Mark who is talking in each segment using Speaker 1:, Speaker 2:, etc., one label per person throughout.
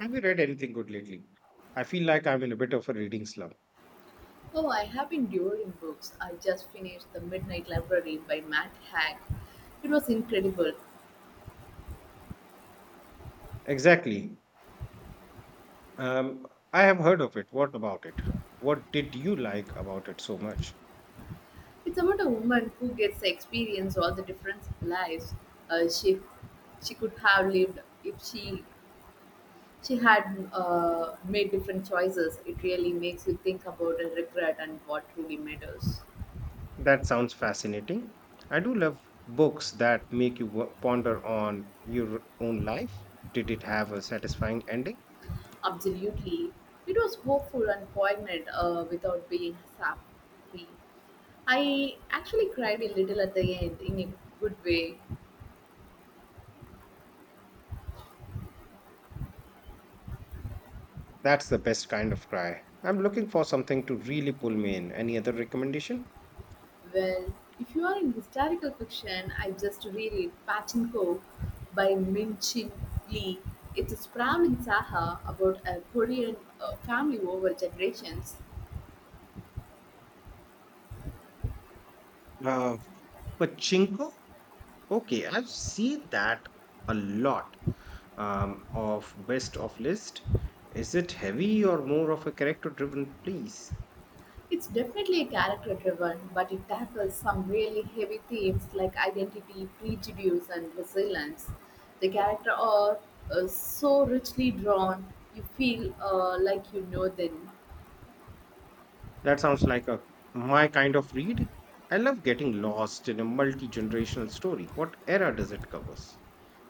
Speaker 1: Have you read anything good lately? I feel like I'm in a bit of a reading slump.
Speaker 2: Oh, I have been devouring books. I just finished The Midnight Library by Matt Haig. It was incredible.
Speaker 1: Exactly. Um, I have heard of it. What about it? What did you like about it so much?
Speaker 2: It's about a woman who gets to experience all the different lives uh, she she could have lived if she had made different choices. It really makes you think about the regret and what truly matters.
Speaker 1: That sounds fascinating. I do love books that make you ponder on your own life. Did it have a satisfying ending?
Speaker 2: Absolutely, it was hopeful and poignant without being sappy. I actually cried a little at the end in a good way.
Speaker 1: That's the best kind of cry. I'm looking for something to really pull me in. Any other recommendation?
Speaker 2: Well, if you are in historical fiction, I just reread Pachinko by Min Chin Lee. It's a sprawling saga about a Korean family over generations.
Speaker 1: Uh, Pachinko? Okay, I've seen that a lot, of best of list. Is it heavy or more of a character driven piece?
Speaker 2: It's definitely a character driven, but it tackles some really heavy themes like identity, prejudice, and resilience. The characters are so richly drawn, you feel like you know them.
Speaker 1: That sounds like a my kind of read. I love getting lost in a multi generational story. What era does it covers?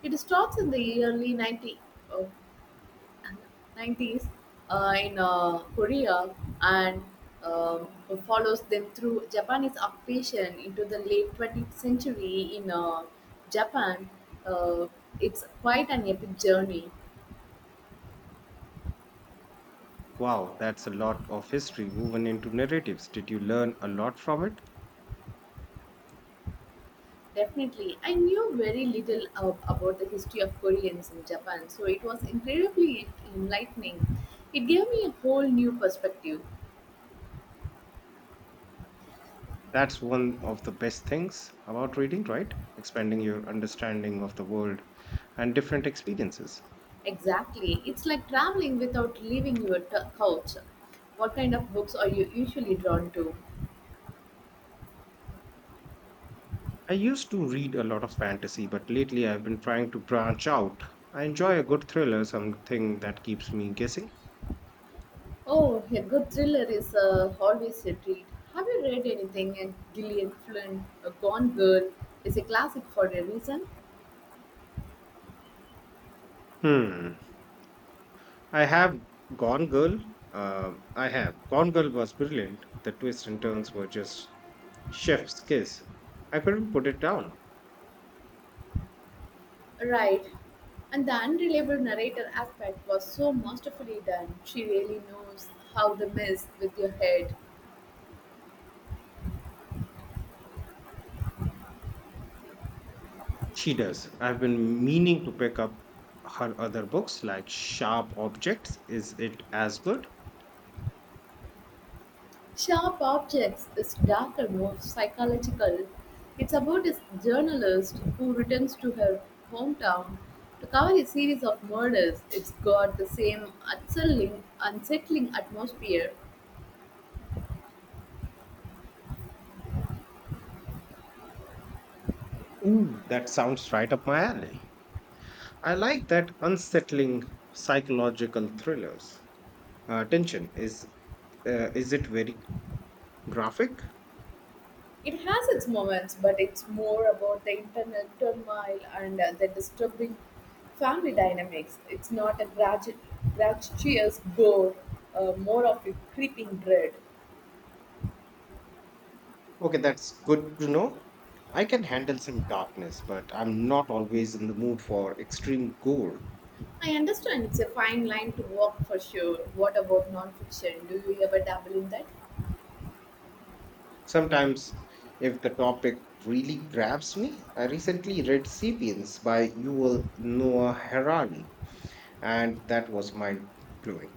Speaker 2: It starts in the early 90s. 90s uh, in uh, Korea and um, follows them through Japanese occupation into the late 20th century in Japan. Uh, it's quite an epic journey.
Speaker 1: Wow, that's a lot of history woven into narratives. Did you learn a lot from it?
Speaker 2: Definitely. I knew very little of about the history of Koreans in Japan, so it was incredibly enlightening. It gave me a whole new perspective.
Speaker 1: That's one of the best things about reading, right? Expanding your understanding of the world and different experiences.
Speaker 2: Exactly. It's like traveling without leaving your couch. What kind of books are you usually drawn to?
Speaker 1: I used to read a lot of fantasy, but lately I've been trying to branch out. I enjoy a good thriller, something that keeps me guessing.
Speaker 2: Oh, a good thriller is always a treat. Have you read anything in Gillian Flynn? A Gone Girl is a classic for a reason.
Speaker 1: Hmm. I have Gone Girl. I have. Gone Girl was brilliant. The twists and turns were just chef's kiss. I couldn't put it down.
Speaker 2: Right. And the unreliable narrator aspect was so masterfully done. She really knows how to mess with your head.
Speaker 1: She does. I've been meaning to pick up her other books like Sharp Objects. Is it as good?
Speaker 2: Sharp Objects is darker, more psychological. It's about a journalist who returns to her hometown to cover a series of murders. It's got the same unsettling atmosphere.
Speaker 1: Ooh, that sounds right up my alley. I like that unsettling psychological thrillers. Tension is it very graphic?
Speaker 2: It has its moments, but it's more about the internal turmoil and the disturbing family dynamics. It's not a gratuitous gore, more of a creeping dread.
Speaker 1: Okay, that's good to know. I can handle some darkness, but I'm not always in the mood for extreme gore.
Speaker 2: I understand it's a fine line to walk for sure. What about nonfiction? Do you ever dabble in that?
Speaker 1: Sometimes, if the topic really grabs me, I recently read *Sapiens* by Yuval Noah Harari, and that was mind blowing.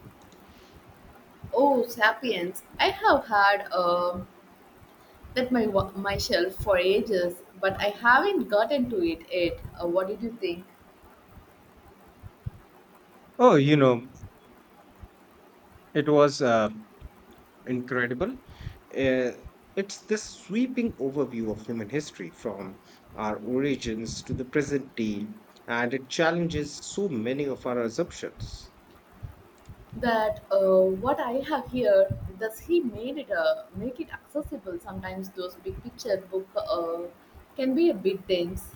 Speaker 2: Oh, *Sapiens*! I have had that my my shelf for ages, but I haven't gotten to it yet. What did you think?
Speaker 1: Oh, you know, it was incredible. Uh, it's this sweeping overview of human history from our origins to the present day, and it challenges so many of our assumptions.
Speaker 2: That what I have here, does he made it make it accessible? Sometimes those big picture book can be a bit dense.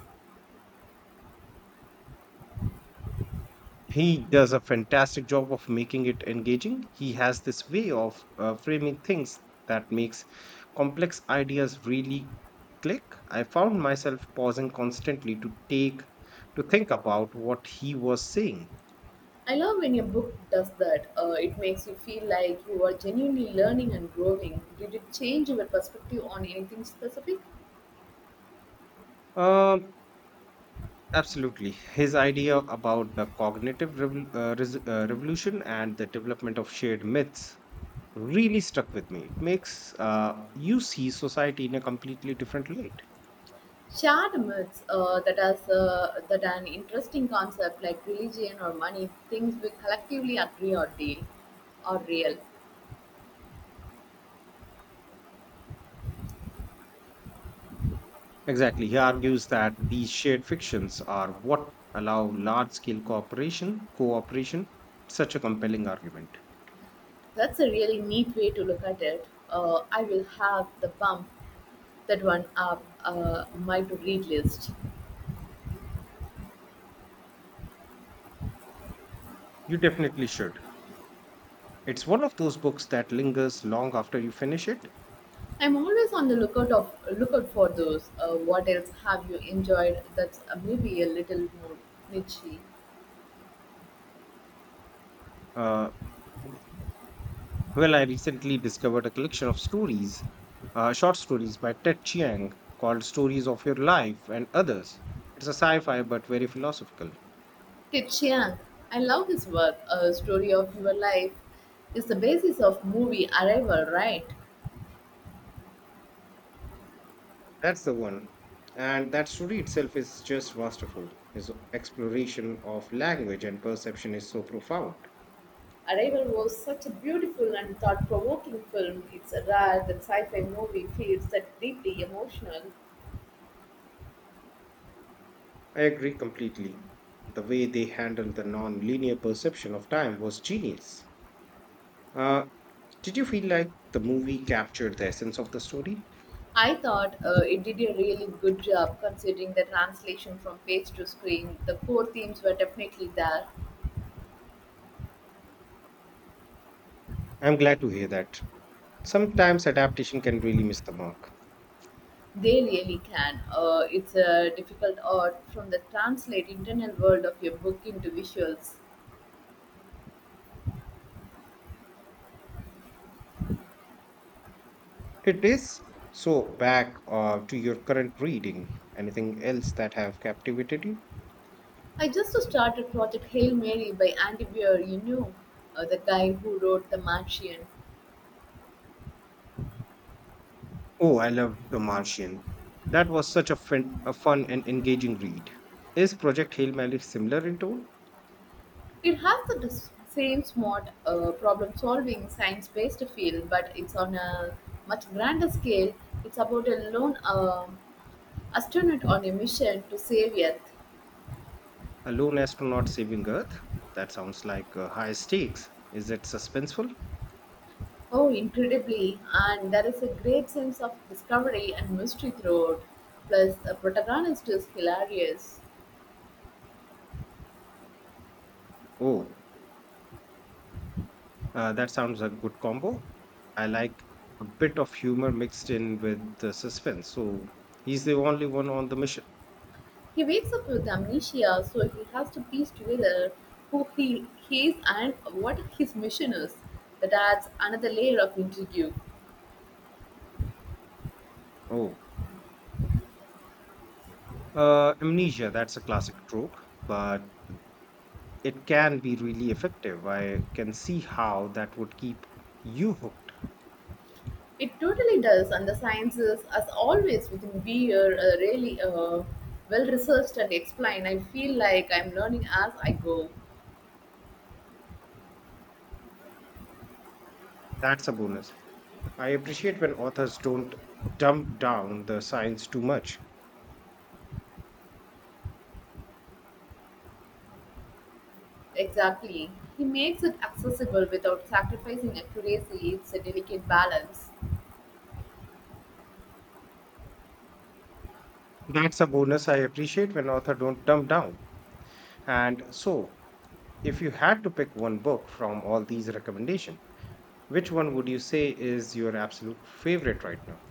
Speaker 1: He does a fantastic job of making it engaging. He has this way of framing things that makes complex ideas really click. I found myself pausing constantly to think about what he was saying.
Speaker 2: I love when a book does that. It makes you feel like you are genuinely learning and growing. Did it change your perspective on anything specific?
Speaker 1: Um, Absolutely. His idea about the revolution and the development of shared myths really stuck with me. It makes you see society in a completely different light.
Speaker 2: Shared myths that an interesting concept like religion or money, things we collectively agree or deal are real.
Speaker 1: Exactly. He argues that these shared fictions are what allow large scale cooperation, such a compelling argument.
Speaker 2: That's a really neat way to look at it. I will have the bump that one up my to read list.
Speaker 1: You definitely should. It's one of those books that lingers long after you finish it.
Speaker 2: I'm always on the lookout for those. What else have you enjoyed? That's maybe a little more niche.
Speaker 1: Uh, Well, I recently discovered a collection of stories, short stories by Ted Chiang called Stories of Your Life and Others. It's a sci fi but very philosophical.
Speaker 2: Tit Chiang. I love his work. A story of your life is the basis of movie Arrival, right?
Speaker 1: That's the one. And that story itself is just masterful. His exploration of language and perception is so profound.
Speaker 2: Arrival was such a beautiful and thought-provoking film. It's rare that sci-fi movie feels that deeply emotional.
Speaker 1: I agree completely. The way they handled the non-linear perception of time was genius. Uh, did you feel like the movie captured the essence of the story?
Speaker 2: I thought it did a really good job considering the translation from page to screen. The core themes were definitely there.
Speaker 1: I'm glad to hear that. Sometimes adaptation can really miss the mark.
Speaker 2: They really can. It's a difficult art from the translate internal world of your book into visuals.
Speaker 1: It is. So back to your current reading. Anything else that have captivated you?
Speaker 2: I just started Project Hail Mary by Andy Weir, you know, the guy who wrote The Martian.
Speaker 1: Oh, I love The Martian. That was such a fun and engaging read. Is Project Hail Mary similar in tone?
Speaker 2: It has the same smart problem solving science based feel, but it's on a much grander scale. It's about a lone astronaut on a mission to save Earth.
Speaker 1: A lone astronaut saving Earth? That sounds like high stakes. Is it suspenseful?
Speaker 2: Oh, incredibly. And there is a great sense of discovery and mystery throughout. Plus, the protagonist is hilarious.
Speaker 1: Oh, that sounds a good combo. I like a bit of humor mixed in with the suspense. So he's the only one on the mission.
Speaker 2: He wakes up with amnesia, so he has to piece together who he is and what his mission is. That adds another layer of intrigue.
Speaker 1: Oh, amnesia, that's a classic trope, but it can be really effective. I can see how that would keep you hooked.
Speaker 2: It totally does, and the sciences, as always, within beer, are really well researched and explained. I feel like I'm learning as I go.
Speaker 1: That's a bonus. I appreciate when authors don't dumb down the science too much.
Speaker 2: Exactly. He makes it accessible without sacrificing accuracy. It's a delicate balance.
Speaker 1: That's a bonus I appreciate when author don't dumb down. And so, if you had to pick one book from all these recommendations, which one would you say is your absolute favorite right now?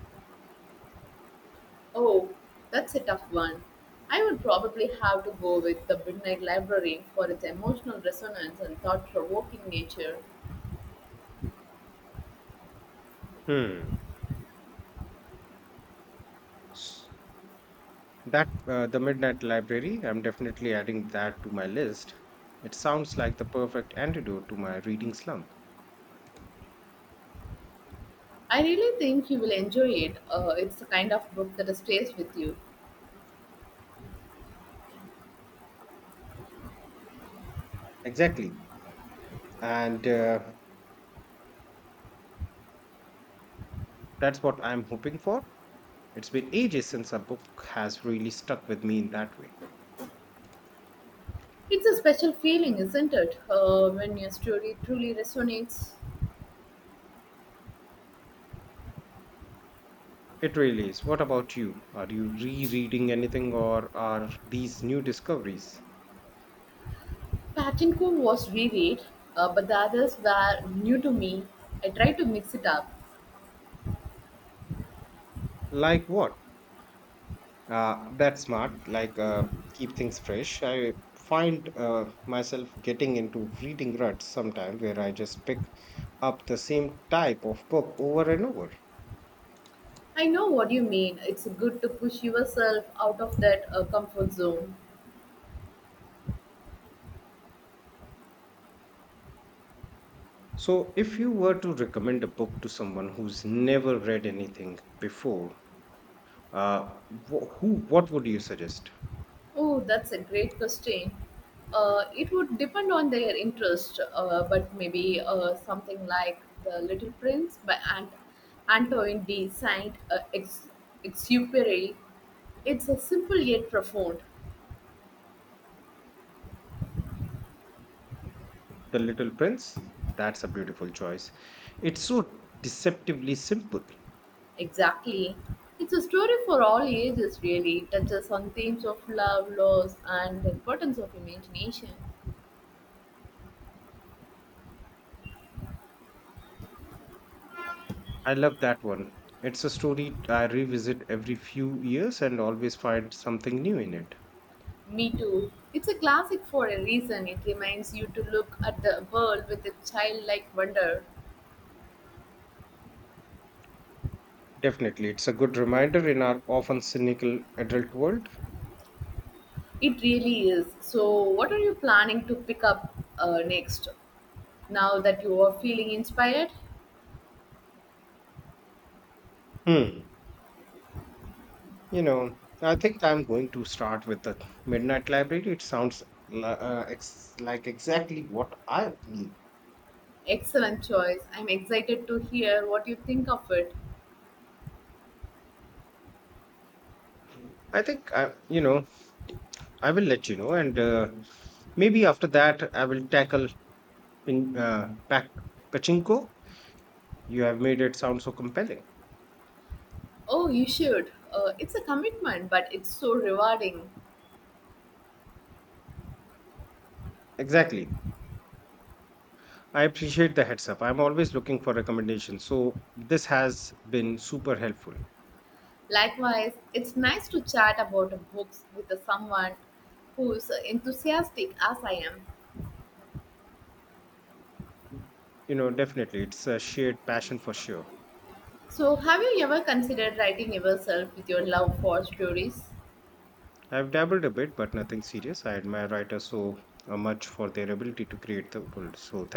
Speaker 2: Oh, that's a tough one. I would probably have to go with The Midnight Library for its emotional resonance and thought provoking nature.
Speaker 1: Hmm. That the Midnight Library, I'm definitely adding that to my list. It sounds like the perfect antidote to my reading slump.
Speaker 2: I really think you will enjoy it. It's the kind of book that stays with you.
Speaker 1: Exactly. And that's what I'm hoping for. It's been ages since a book has really stuck with me in that way.
Speaker 2: It's a special feeling, isn't it, when your story truly resonates?
Speaker 1: It really is. What about you? Are you rereading anything or are these new discoveries?
Speaker 2: Pachinko was reread, but the others were new to me. I tried to mix it up.
Speaker 1: Like what? That's smart. Like, keep things fresh. I find myself getting into reading ruts sometime where I just pick up the same type of book over and over.
Speaker 2: I know what you mean. It's good to push yourself out of that comfort zone.
Speaker 1: So, if you were to recommend a book to someone who's never read anything before, uh, who, what would you suggest?
Speaker 2: Oh, that's a great question. It would depend on their interest, but maybe something like The Little Prince by Antoine de Saint Exupery. It's a simple yet profound.
Speaker 1: The Little Prince? That's a beautiful choice. It's so deceptively simple.
Speaker 2: Exactly. It's a story for all ages, really. It touches on themes of love, loss, and the importance of imagination.
Speaker 1: I love that one. It's a story I revisit every few years and always find something new in it.
Speaker 2: Me too. It's a classic for a reason. It reminds you to look at the world with a childlike wonder.
Speaker 1: Definitely, it's a good reminder in our often cynical adult world.
Speaker 2: It really is. So, what are you planning to pick up next? Now that you are feeling inspired?
Speaker 1: Hmm. You know, I think I'm going to start with the Midnight Library. It sounds like exactly what I need.
Speaker 2: Excellent choice. I'm excited to hear what you think of it.
Speaker 1: I think I will let you know, and maybe after that, I will tackle pin, uh, pac- pachinko. You have made it sound so compelling.
Speaker 2: Oh, you should. It's a commitment, but it's so rewarding.
Speaker 1: Exactly. I appreciate the heads up. I'm always looking for recommendations. So this has been super helpful.
Speaker 2: Likewise, it's nice to chat about books with someone who's enthusiastic as I am.
Speaker 1: Mm, you know, definitely. It's a shared passion for sure.
Speaker 2: So, have you ever considered writing yourself with your love for stories?
Speaker 1: I've dabbled a bit, but nothing serious. I admire writers so much for their ability to create the world. So thank